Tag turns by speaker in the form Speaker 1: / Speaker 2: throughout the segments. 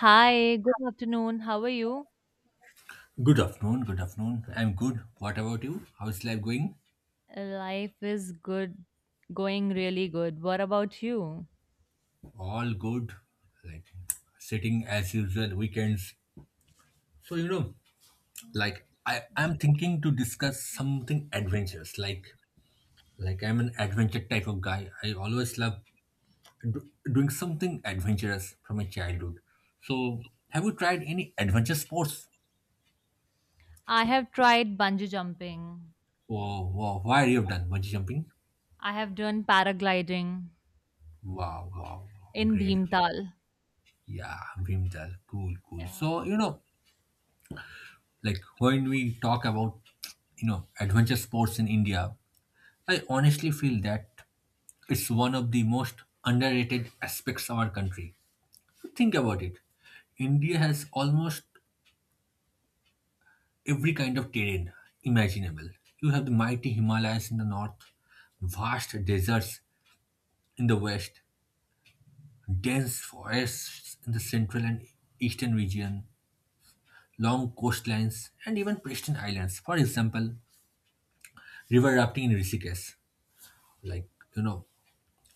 Speaker 1: Hi, good afternoon. How are you?
Speaker 2: Good afternoon, good afternoon. I'm good. What about you? How's life going?
Speaker 1: Life is good, going really good. What about you?
Speaker 2: All good. Like sitting as usual weekends. So you know, I'm thinking to discuss something adventurous. Like I'm an adventure type of guy. I always love do, doing something adventurous from my childhood. So have you tried any adventure sports?
Speaker 1: I have tried bungee jumping.
Speaker 2: Wow, wow. Why you have done bungee jumping?
Speaker 1: I have done paragliding
Speaker 2: Wow, wow, wow,
Speaker 1: in
Speaker 2: great.
Speaker 1: Bhimtal.
Speaker 2: Yeah, Bhimtal, cool, cool.
Speaker 1: Yeah.
Speaker 2: Like when we talk about adventure sports in India, I honestly feel that it's one of the most underrated aspects of our country. Think about it. India has almost every kind of terrain imaginable. You have the mighty Himalayas in the north, vast deserts in the west, dense forests in the central and eastern region, long coastlines, and even pristine islands. For example, river rafting in Rishikesh, like you know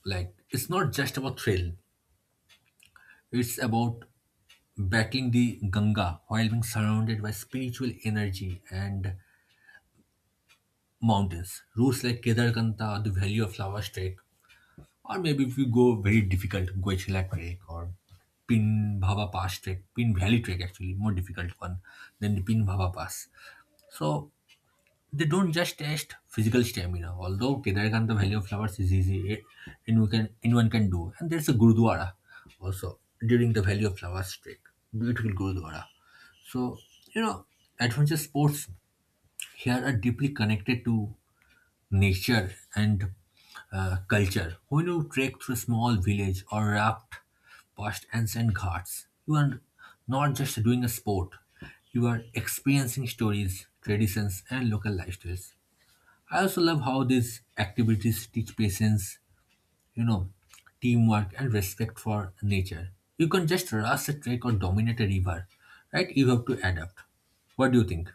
Speaker 2: it's not just about thrill, it's about battling the Ganga while being surrounded by spiritual energy and mountains. Routes like Kedarkanta, the Valley of Flowers trek, or maybe if you go very difficult, Goichila trek, or Pin Bhava Pass trek, Pin Valley trek, actually more difficult one than the Pin Bhava Pass. So they don't just test physical stamina, although Kedarkantha Valley of Flowers is easy, anyone can do. And there's a Gurudwara also during the Valley of Flowers trek, beautiful Gurudwara. So, you know, adventure sports here are deeply connected to nature and culture. When you trek through a small village or raft past ancient ghats, you are not just doing a sport, you are experiencing stories, traditions, and local lifestyles. I also love how these activities teach patience, you know, teamwork and respect for nature. You can just rush a trek or dominate a river, right? You have to adapt. What do you think?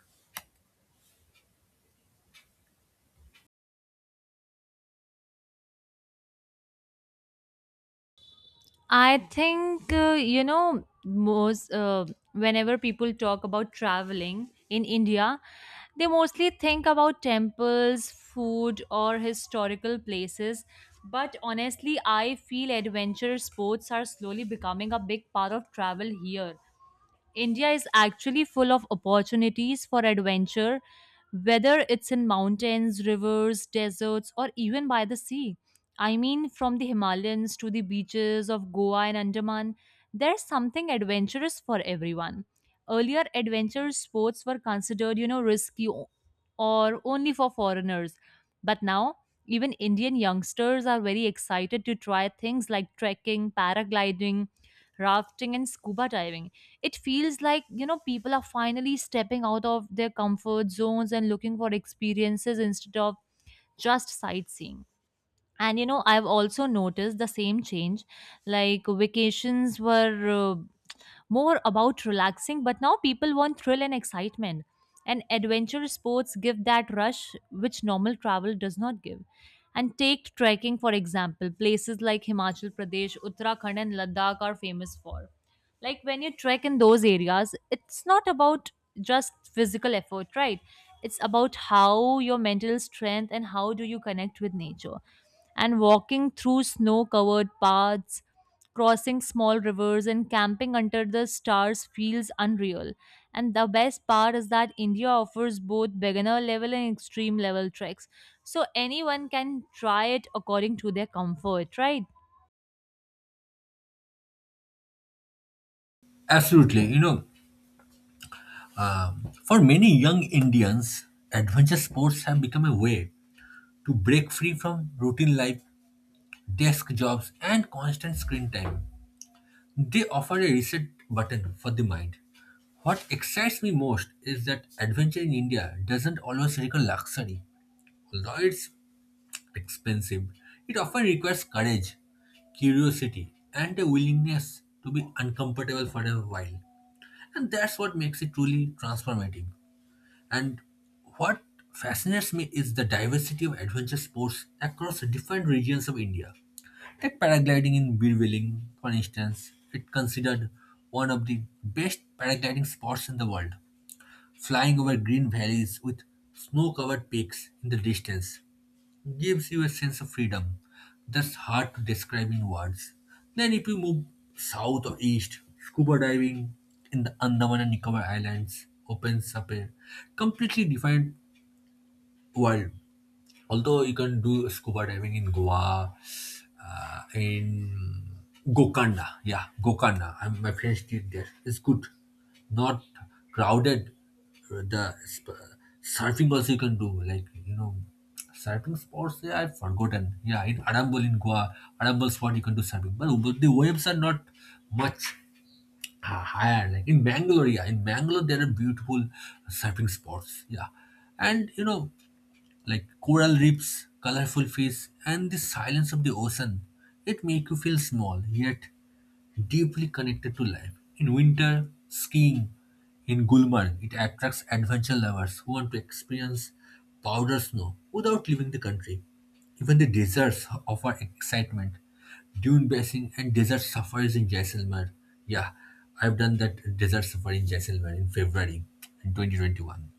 Speaker 1: I think, you know, most whenever people talk about traveling in India, they mostly think about temples, food, or historical places. But honestly, I feel adventure sports are slowly becoming a big part of travel here. India is actually full of opportunities for adventure, whether it's in mountains, rivers, deserts, or even by the sea. I mean, from the Himalayas to the beaches of Goa and Andaman, there's something adventurous for everyone. Earlier, adventure sports were considered, risky or only for foreigners. But now, even Indian youngsters are very excited to try things like trekking, paragliding, rafting, and scuba diving. It feels like people are finally stepping out of their comfort zones and looking for experiences instead of just sightseeing. And I've also noticed the same change, like vacations were more about relaxing, but now people want thrill and excitement, and adventure sports give that rush which normal travel does not give. And take trekking, for example, places like Himachal Pradesh, Uttarakhand, and Ladakh are famous for. Like when you trek in those areas, it's not about just physical effort, right? It's about how your mental strength and how do you connect with nature. And walking through snow covered paths, crossing small rivers, and camping under the stars feels unreal. And the best part is that India offers both beginner level and extreme level treks, so anyone can try it according to their comfort, right?
Speaker 2: Absolutely. You know, for many young Indians, adventure sports have become a way to break free from routine life, desk jobs, and constant screen time. They offer a reset button for the mind. What excites me most is that adventure in India doesn't always require luxury. Although it's expensive, it often requires courage, curiosity, and a willingness to be uncomfortable for a while. And that's what makes it truly transformative. And what fascinates me is the diversity of adventure sports across different regions of India. Like paragliding in Birwilling, for instance, it considered one of the best paragliding spots in the world, flying over green valleys with snow covered peaks in the distance gives you a sense of freedom that's hard to describe in words. Then, if you move south or east, scuba diving in the Andaman and Nicobar Islands opens up a completely different world. Although you can do scuba diving in Goa, in Gokarna. Yeah, Gokarna. I, my friends did there. It's good. Not crowded. The surfing also you can do. Surfing sports, yeah, I've forgotten. Yeah, in Arambol in Goa, Arambol spot you can do surfing. But the waves are not much higher. Like in Bangalore, yeah. In Bangalore, there are beautiful surfing spots. Yeah. And, you know, like coral reefs, colorful fish, and the silence of the ocean. It make you feel small yet deeply connected to life. In winter, skiing in Gulmarg it attracts adventure lovers who want to experience powder snow without leaving the country. Even the deserts offer excitement. Dune bathing and desert safaris in Jaisalmer. Yeah, I've done that desert safari in Jaisalmer in February in 2021.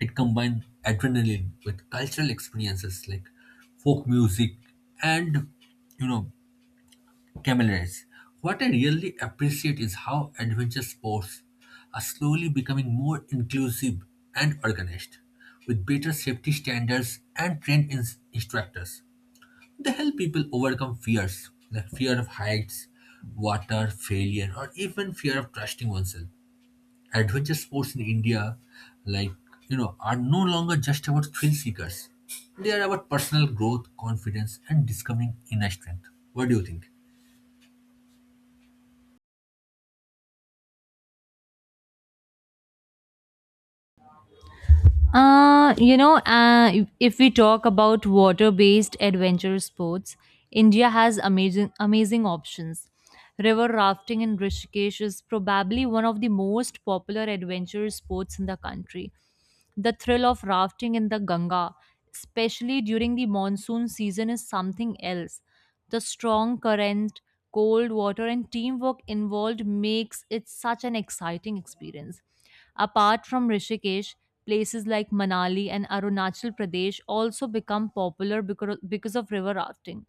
Speaker 2: It combines adrenaline with cultural experiences like folk music and you know camaraderies. What I really appreciate is how adventure sports are slowly becoming more inclusive and organized, with better safety standards and trained instructors. They help people overcome fears like fear of heights, water, failure, or even fear of trusting oneself. Adventure sports in India, like are no longer just about thrill seekers. They are about personal growth, confidence, and discovering inner strength. What do you think?
Speaker 1: If we talk about water-based adventure sports, India has amazing options. River rafting in Rishikesh is probably one of the most popular adventure sports in the country. The thrill of rafting in the Ganga, especially during the monsoon season, is something else. The strong current, cold water, and teamwork involved makes it such an exciting experience. Apart from Rishikesh, places like Manali and Arunachal Pradesh also become popular because of river rafting.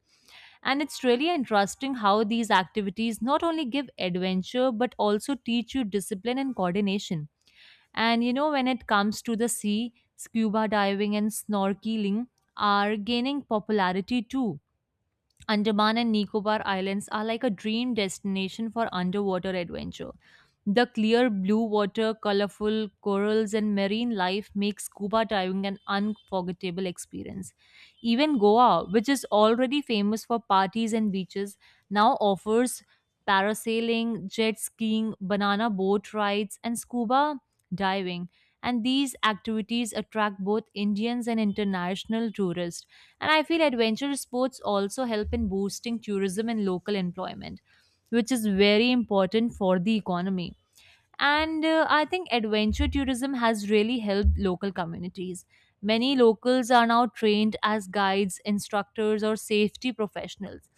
Speaker 1: And it's really interesting how these activities not only give adventure but also teach you discipline and coordination. And when it comes to the sea, scuba diving and snorkeling are gaining popularity too. Andaman and Nicobar Islands are like a dream destination for underwater adventure. The clear blue water, colorful corals, and marine life make scuba diving an unforgettable experience. Even Goa, which is already famous for parties and beaches, now offers parasailing, jet skiing, banana boat rides, and scuba diving. And these activities attract both Indians and international tourists. And I feel adventure sports also help in boosting tourism and local employment, which is very important for the economy. And I think adventure tourism has really helped local communities. Many locals are now trained as guides, instructors, or safety professionals.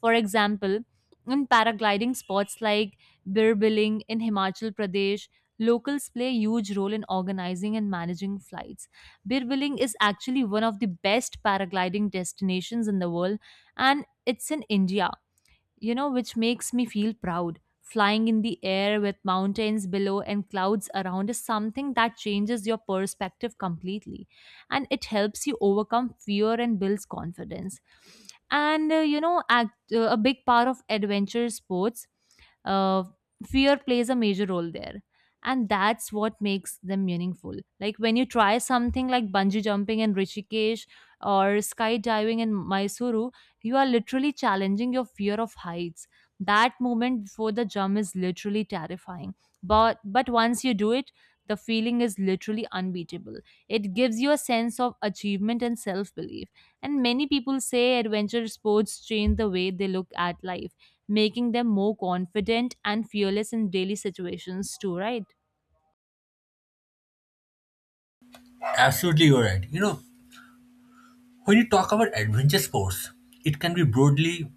Speaker 1: For example, in paragliding spots like Birbiling in Himachal Pradesh, locals play a huge role in organizing and managing flights. Birbiling is actually one of the best paragliding destinations in the world, and it's in India, which makes me feel proud. Flying in the air with mountains below and clouds around is something that changes your perspective completely, and it helps you overcome fear and builds confidence. And a big part of adventure sports, uh, fear plays a major role there. And that's what makes them meaningful. Like when you try something like bungee jumping in Rishikesh or skydiving in Mysuru, you are literally challenging your fear of heights. That moment before the jump is literally terrifying. But once you do it, the feeling is literally unbeatable. It gives you a sense of achievement and self-belief. And many people say adventure sports change the way they look at life, making them more confident and fearless in daily situations too, right?
Speaker 2: Absolutely, you're right. You know, when you talk about adventure sports, it can be broadly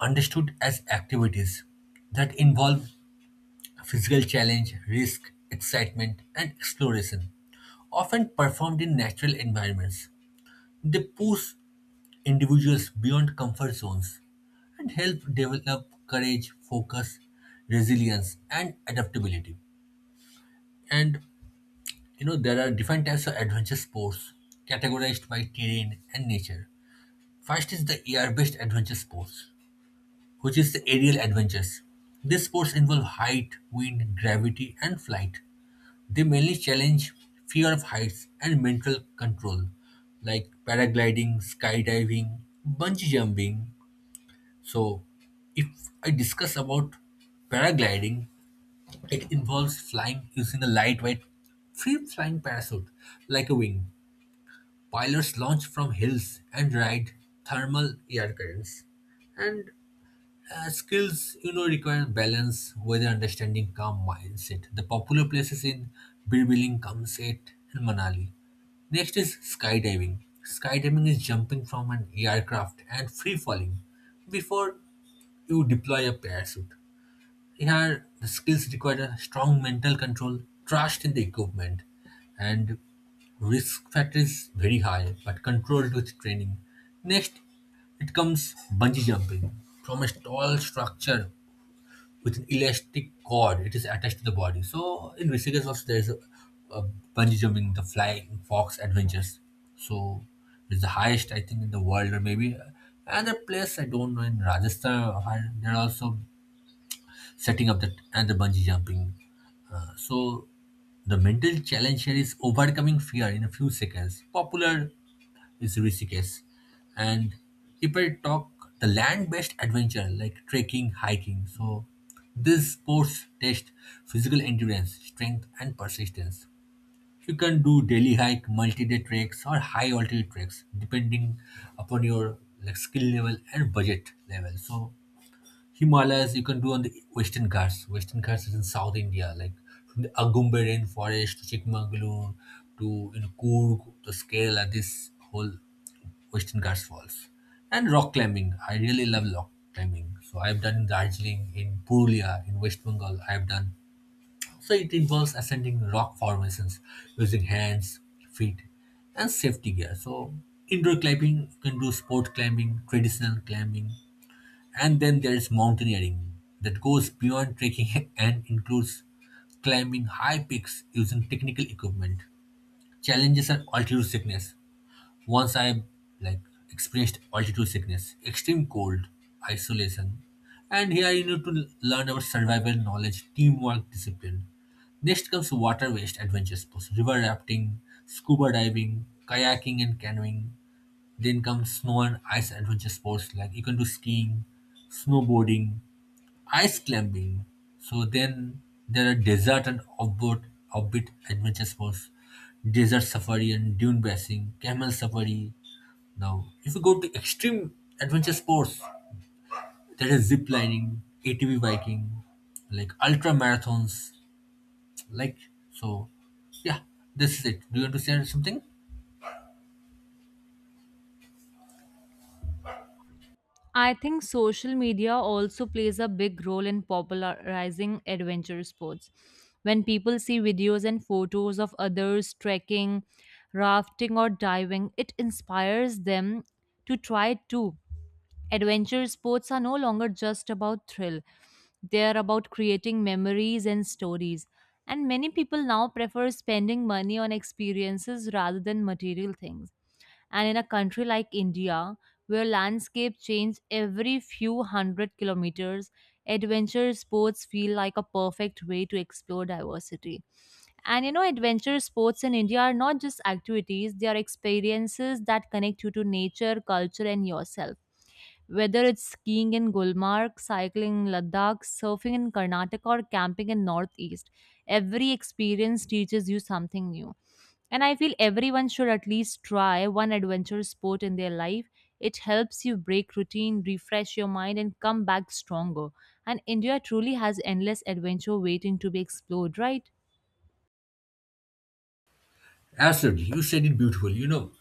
Speaker 2: understood as activities that involve physical challenge, risk, excitement, and exploration, often performed in natural environments. They push individuals beyond comfort zones and help develop courage, focus, resilience, and adaptability. And you know, there are different types of adventure sports categorized by terrain and nature. First is the air based adventure sports, which is the aerial adventures. These sports involve height, wind, gravity, and flight. They mainly challenge fear of heights and mental control, like paragliding, skydiving, bungee jumping. So, if I discuss about paragliding, it involves flying using a lightweight, free flying parachute like a wing. Pilots launch from hills and ride thermal air currents. And skills, you know, require balance, weather understanding, calm mindset. The popular places in Birbiling, Kamset, and Manali. Next is skydiving. Skydiving is jumping from an aircraft and free falling before you deploy a parachute. Here, the skills require a strong mental control, trust in the equipment, and risk factor is very high, but controlled with training. Next, it comes bungee jumping from a tall structure with an elastic cord. It is attached to the body. So in Rishikesh also there is a bungee jumping, the Flying Fox Adventures. So it's the highest I think in the world or maybe another place I don't know in Rajasthan. Or there are also setting up that and the bungee jumping. So the mental challenge here is overcoming fear in a few seconds. Popular is Rishikesh, and if I talk the land-based adventure like trekking, hiking. So these sports test physical endurance, strength, and persistence. You can do daily hike, multi-day treks, or high altitude treks, depending upon your skill level and budget level. So Himalayas you can do on the Western Ghats. Western Ghats is in South India, like from the Agumbe rainforest to Chikmagalur to Coorg to Kerala. This whole Western Ghats falls. And rock climbing. I really love rock climbing. So I've done in Darjeeling, in Purulia, in West Bengal. I've done. So it involves ascending rock formations using hands, feet, and safety gear. So indoor climbing you can do sport climbing, traditional climbing, and then there's mountaineering that goes beyond trekking and includes climbing high peaks using technical equipment. Challenges are altitude sickness. Once I like experienced altitude sickness, extreme cold, isolation, and here you need to learn about survival knowledge, teamwork, discipline. Next comes water-based adventure sports, river rafting, scuba diving, kayaking and canoeing. Then comes snow and ice adventure sports like you can do skiing, snowboarding, ice climbing. So then there are desert and offbeat adventure sports, desert safari and dune racing, camel safari. Now, if you go to extreme adventure sports, there is zip lining, ATV biking, ultra marathons, like so. Yeah, this is it. Do you want to say something?
Speaker 1: I think social media also plays a big role in popularizing adventure sports. When people see videos and photos of others trekking, rafting, or diving, it inspires them to try too. Adventure sports are no longer just about thrill, they are about creating memories and stories. And many people now prefer spending money on experiences rather than material things. And in a country like India, where landscape change every few hundred kilometers, adventure sports feel like a perfect way to explore diversity. And adventure sports in India are not just activities, they are experiences that connect you to nature, culture, and yourself. Whether it's skiing in Gulmarg, cycling in Ladakh, surfing in Karnataka, or camping in Northeast, every experience teaches you something new, and I feel everyone should at least try one adventure sport in their life. It helps you break routine, refresh your mind, and come back stronger. And India truly has endless adventure waiting to be explored, right?
Speaker 2: Absolutely, you said it beautifully. You know,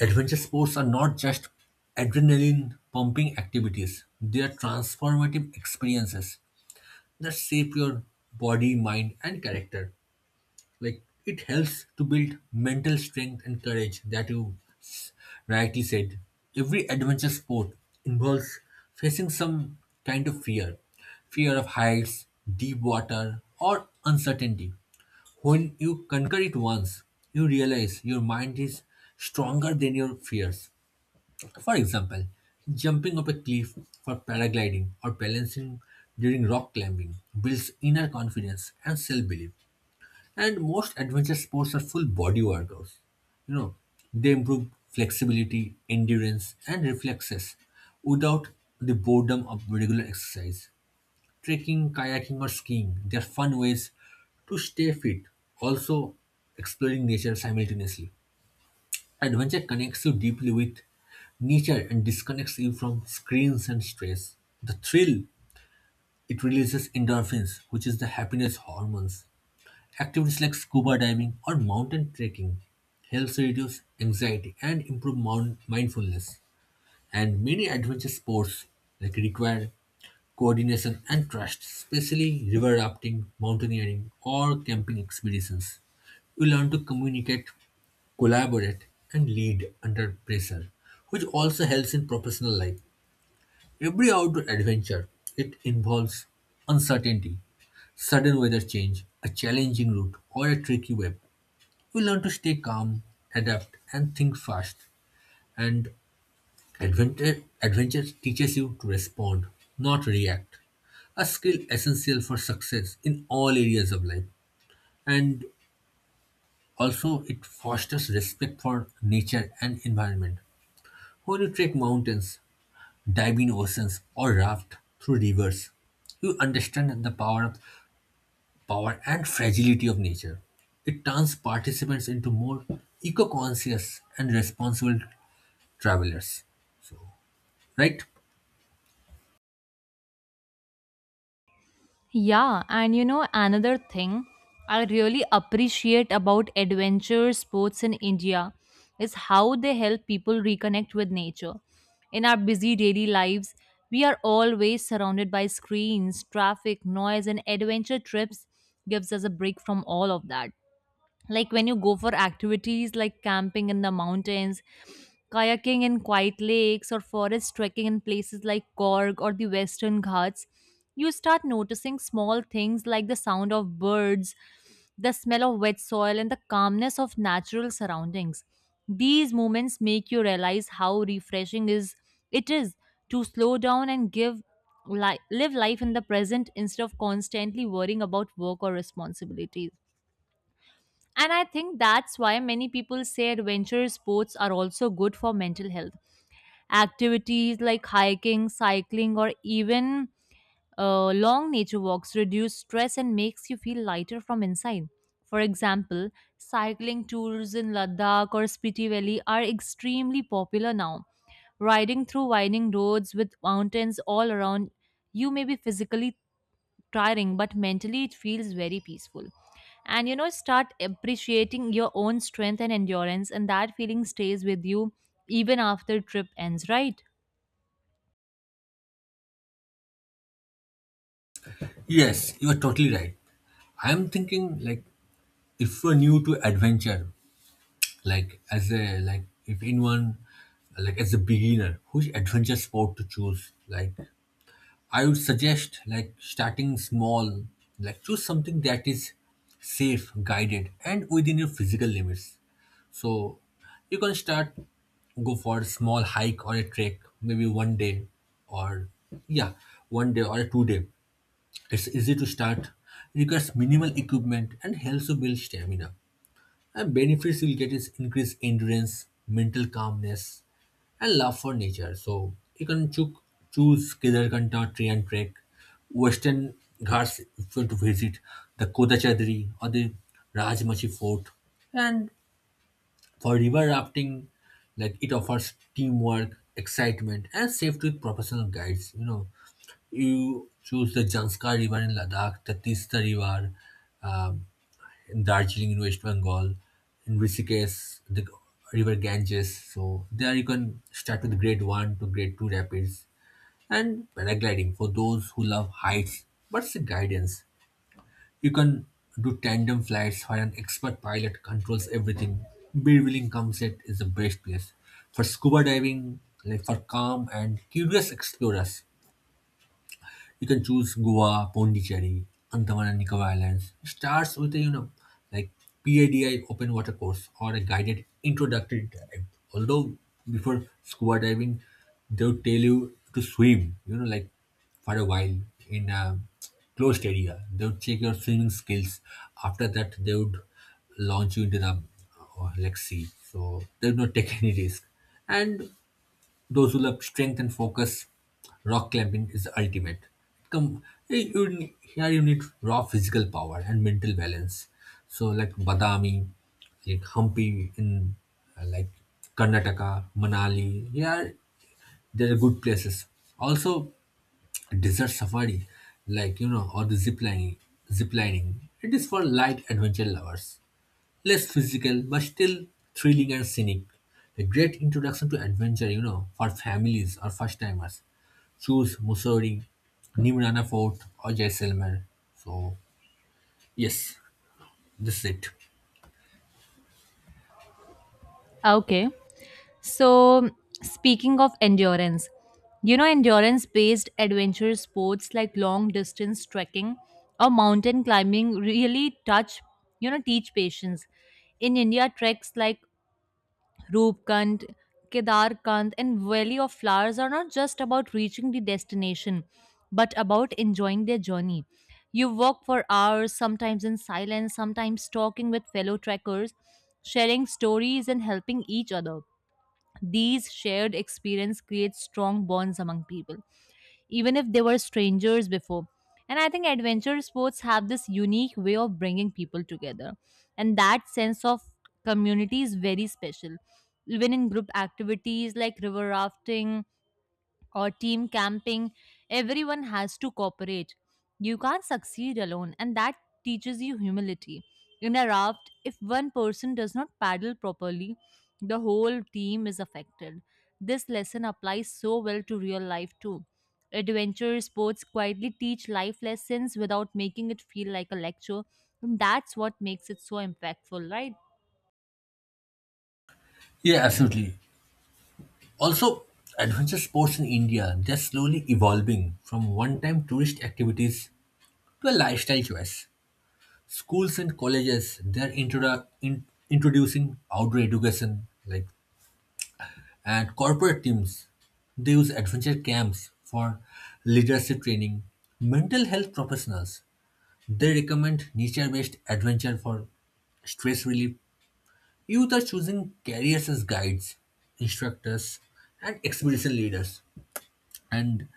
Speaker 2: adventure sports are not just adrenaline pumping activities; they are transformative experiences that shape your body, mind, and character. Like it helps to build mental strength and courage that you rightly said. Every adventure sport involves facing some kind of fear, fear of heights, deep water, or uncertainty. When you conquer it once, you realize your mind is stronger than your fears. For example, jumping off a cliff for paragliding or balancing during rock climbing builds inner confidence and self belief. And most adventure sports are full body workouts. You know, they improve flexibility, endurance, and reflexes without the boredom of regular exercise. Trekking, kayaking, or skiing, they are fun ways to stay fit, also exploring nature simultaneously. Adventure connects you deeply with nature and disconnects you from screens and stress. The thrill, it releases endorphins, which is the happiness hormones. Activities like scuba diving or mountain trekking helps reduce anxiety and improve mindfulness. And many adventure sports require coordination and trust, especially river rafting, mountaineering, or camping expeditions. You learn to communicate, collaborate, and lead under pressure, which also helps in professional life. Every outdoor adventure, it involves uncertainty, sudden weather change, a challenging route, or a tricky web. We learn to stay calm, adapt, and think fast. And adventure teaches you to respond, not react. A skill essential for success in all areas of life. And also, it fosters respect for nature and environment. When you trek mountains, dive in oceans, or raft through rivers. You understand the power of power and fragility of nature. It turns participants into more eco-conscious and responsible travelers. Right?
Speaker 1: Yeah, and another thing I really appreciate about adventure sports in India is how they help people reconnect with nature. In our busy daily lives, we are always surrounded by screens, traffic, noise, and adventure trips gives us a break from all of that. Like when you go for activities like camping in the mountains, kayaking in quiet lakes, or forest trekking in places like Korg or the Western Ghats, you start noticing small things like the sound of birds, the smell of wet soil, and the calmness of natural surroundings. These moments make you realize how refreshing is it is to slow down and give live life in the present instead of constantly worrying about work or responsibilities. And I think that's why many people say adventure sports are also good for mental health. Activities like hiking, cycling, or even long nature walks reduce stress and makes you feel lighter from inside. For example, cycling tours in Ladakh or Spiti Valley are extremely popular now. Riding through winding roads with mountains all around, you may be physically tiring, but mentally it feels very peaceful. And start appreciating your own strength and endurance, and that feeling stays with you even after trip ends, right?
Speaker 2: Yes, you are totally right. I am thinking like if you're new to adventure, like as a like if anyone as a beginner, which adventure sport to choose? Like I would suggest starting small, like choose something that is safe, guided, and within your physical limits. So you can start go for a small hike or a trek, maybe 1 day or yeah, 1 day or 2 day. It's easy to start, requires minimal equipment and helps you build stamina. And benefits you'll get is increased endurance, mental calmness, and love for nature. So you can choose Kedarkanta tree and trek, Western Ghats if you want to visit, the Kodachadri or the Rajmachi Fort. And for river rafting, like it offers teamwork, excitement, and safety with professional guides. You know, you choose the Janskar River in Ladakh, the Tista River um, in Darjeeling in West Bengal, in Rishikesh, the River Ganges. So there you can start with grade 1 to grade 2 rapids and paragliding for those who love heights but seek guidance. You can do tandem flights where an expert pilot controls everything. Birwiling Kamset is the best place for scuba diving, like for calm and curious explorers. You can choose Goa, Pondicherry, Andaman and Nicobar Islands. It starts with a, you know, like PADI open water course or a guided introductory dive. Although before scuba diving, they'll tell you to swim, you know, like for a while in a closed area. They would check your swimming skills. After that, they would launch you into the like sea. So they would not take any risk. And those who love strength and focus, rock climbing is the ultimate. Come, here you need raw physical power and mental balance. So like Badami, like Hampi in like Karnataka, Manali, here there are good places. Also desert safari, like you know, or the zip lining. It is for light adventure lovers. Less physical, but still thrilling and scenic. A great introduction to adventure, you know, for families or first timers. Choose Mussoorie, Nimrana Fort, or Jaisalmer. So, yes, this is it.
Speaker 1: Okay. So, speaking of endurance, endurance based adventure sports like long distance trekking or mountain climbing really teach patience. In India, treks like Roopkund, Kedarkand, and Valley of Flowers are not just about reaching the destination, but about enjoying their journey. You walk for hours, sometimes in silence, sometimes talking with fellow trekkers, sharing stories and helping each other. These shared experience creates strong bonds among people even if they were strangers before. And I think adventure sports have this unique way of bringing people together. And that sense of community is very special. Even in group activities like river rafting or team camping, everyone has to cooperate. You can't succeed alone, and that teaches you humility. In a raft, if one person does not paddle properly, the whole team is affected. This lesson applies so well to real life too. Adventure sports quietly teach life lessons without making it feel like a lecture. And that's what makes it so impactful, right?
Speaker 2: Yeah, absolutely. Also, adventure sports in India, they're slowly evolving from one time tourist activities to a lifestyle choice. Schools and colleges, they're introducing outdoor education, like. And corporate teams, they use adventure camps for leadership training. Mental health professionals, they recommend nature-based adventure for stress relief. Youth are choosing careers as guides, instructors, and expedition leaders. And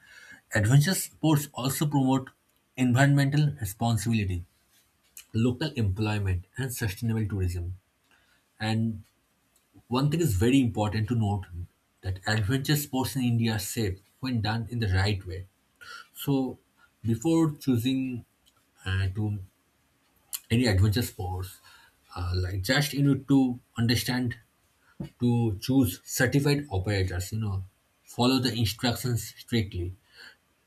Speaker 2: adventure sports also promote environmental responsibility, local employment, and sustainable tourism. And one thing is very important to note, that adventure sports in India are safe when done in the right way. So, before choosing to any adventure sports, like just you need to understand to choose certified operators. You know, follow the instructions strictly.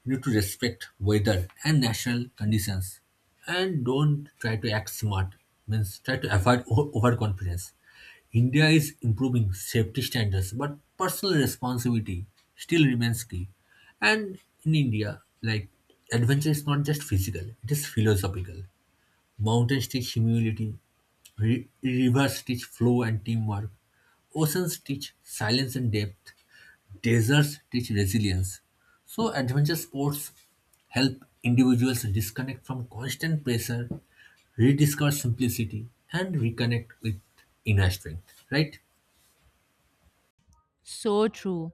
Speaker 2: You need to respect weather and national conditions and don't try to act smart, means try to avoid overconfidence. India is improving safety standards, but personal responsibility still remains key. And in India, like, adventure is not just physical, it is philosophical. Mountains teach humility. Rivers teach flow and teamwork. Oceans teach silence and depth. Deserts teach resilience. So, adventure sports help individuals disconnect from constant pressure, rediscover simplicity, and reconnect with inner strength. Right?
Speaker 1: So true.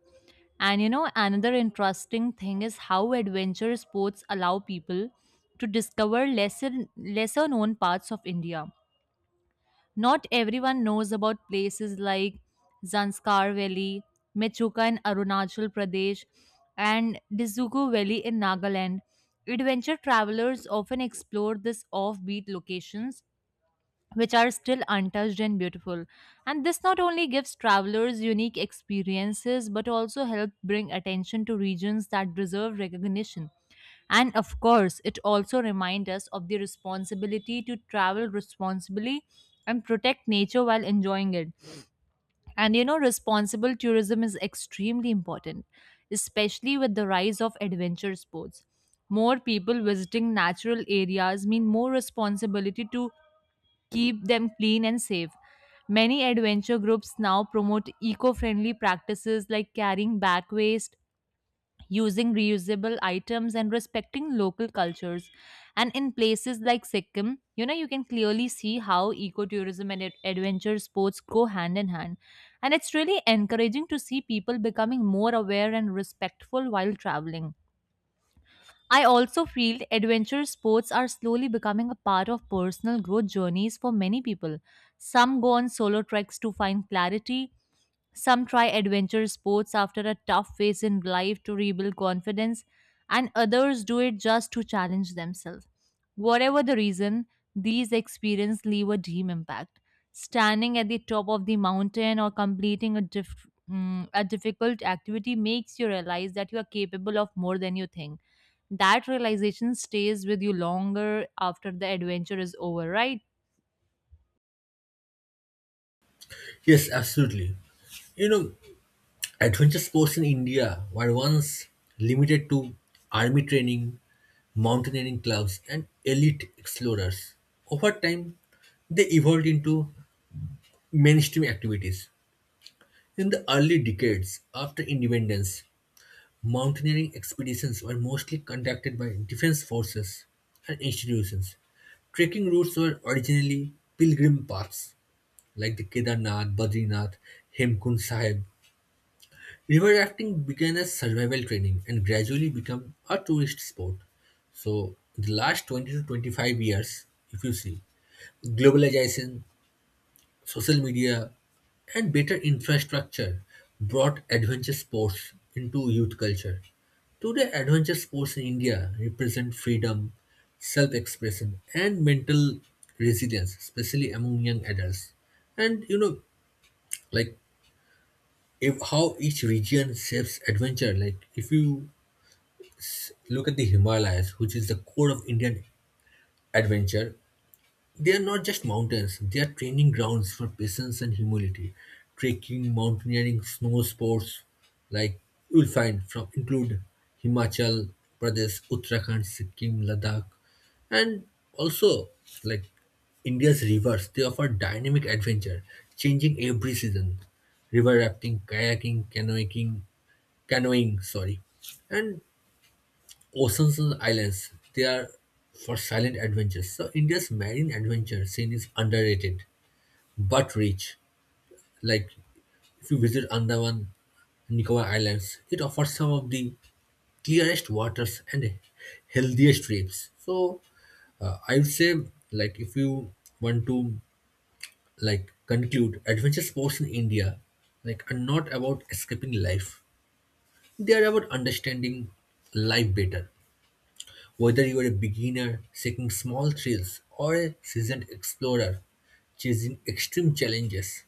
Speaker 1: And another interesting thing is how adventure sports allow people to discover lesser known parts of India. Not everyone knows about places like Zanskar Valley, Mechuka in Arunachal Pradesh, and Dizuku Valley in Nagaland. Adventure travelers often explore these offbeat locations which are still untouched and beautiful. And this not only gives travelers unique experiences but also help bring attention to regions that deserve recognition. And of course, it also reminds us of the responsibility to travel responsibly and protect nature while enjoying it. And responsible tourism is extremely important, especially with the rise of adventure sports. More people visiting natural areas mean more responsibility to keep them clean and safe. Many adventure groups now promote eco friendly practices like carrying back waste, using reusable items, and respecting local cultures. And in places like Sikkim, you can clearly see how ecotourism and adventure sports go hand in hand. And it's really encouraging to see people becoming more aware and respectful while traveling. I also feel adventure sports are slowly becoming a part of personal growth journeys for many people. Some go on solo treks to find clarity, some try adventure sports after a tough phase in life to rebuild confidence, and others do it just to challenge themselves. Whatever the reason, these experiences leave a deep impact. Standing at the top of the mountain or completing a difficult activity makes you realize that you are capable of more than you think. That realization stays with you longer after the adventure is over, right?
Speaker 2: Yes, absolutely. You know, adventure sports in India were once limited to army training, mountaineering clubs, and elite explorers. Over time, they evolved into mainstream activities. In the early decades after independence, mountaineering expeditions were mostly conducted by defense forces and institutions. Trekking routes were originally pilgrim paths like the Kedarnath, Badrinath, Hemkund Sahib. River rafting began as survival training and gradually became a tourist sport. So, the last 20 to 25 years, if you see, globalization, social media, and better infrastructure brought adventure sports into youth culture. Today, adventure sports in India represent freedom, self expression, and mental resilience, especially among young adults. And you know, like, if, how each region shapes adventure. Like, if you look at the Himalayas, which is the core of Indian adventure. They are not just mountains, they are training grounds for patience and humility. Trekking, mountaineering, snow sports, like, you will find from include Himachal Pradesh, Uttarakhand, Sikkim, Ladakh, and also, like, India's rivers. They offer dynamic adventure, changing every season. River rafting, kayaking, canoeing, sorry. And oceans and islands, they are for silent adventures. So India's marine adventure scene is underrated but rich. Like if you visit Andaman and Nicobar Islands, it offers some of the clearest waters and healthiest reefs. So I would say, like, if you want to, like, conclude adventure sports in India, like, are not about escaping life. They are about understanding life better. Whether you are a beginner seeking small thrills or a seasoned explorer chasing extreme challenges,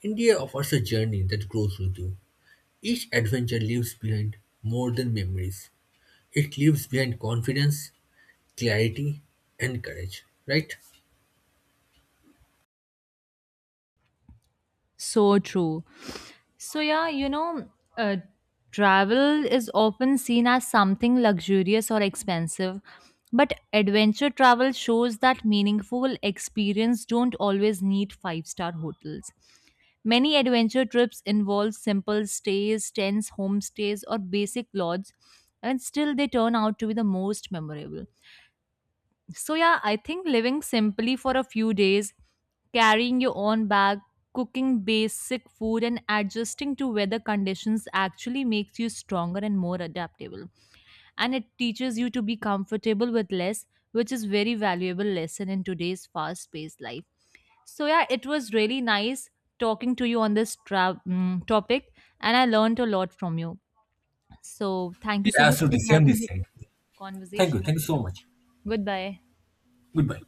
Speaker 2: India offers a journey that grows with you. Each adventure leaves behind more than memories. It leaves behind confidence, clarity, and courage. Right?
Speaker 1: So true. So, yeah, uh, travel is often seen as something luxurious or expensive, but adventure travel shows that meaningful experience don't always need five-star hotels. Many adventure trips involve simple stays, tents, homestays, or basic lodges, and still they turn out to be the most memorable. So, yeah, I think living simply for a few days, carrying your own bag, cooking basic food, and adjusting to weather conditions actually makes you stronger and more adaptable. And it teaches you to be comfortable with less, which is very valuable lesson in today's fast-paced life. So, yeah, it was really nice talking to you on this topic, and I learned a lot from you. So, thank you so
Speaker 2: Yeah,
Speaker 1: much for
Speaker 2: absolutely. Same
Speaker 1: having
Speaker 2: this
Speaker 1: this
Speaker 2: side. Thank you.
Speaker 1: conversation.
Speaker 2: Thank you so much.
Speaker 1: Goodbye.
Speaker 2: Goodbye.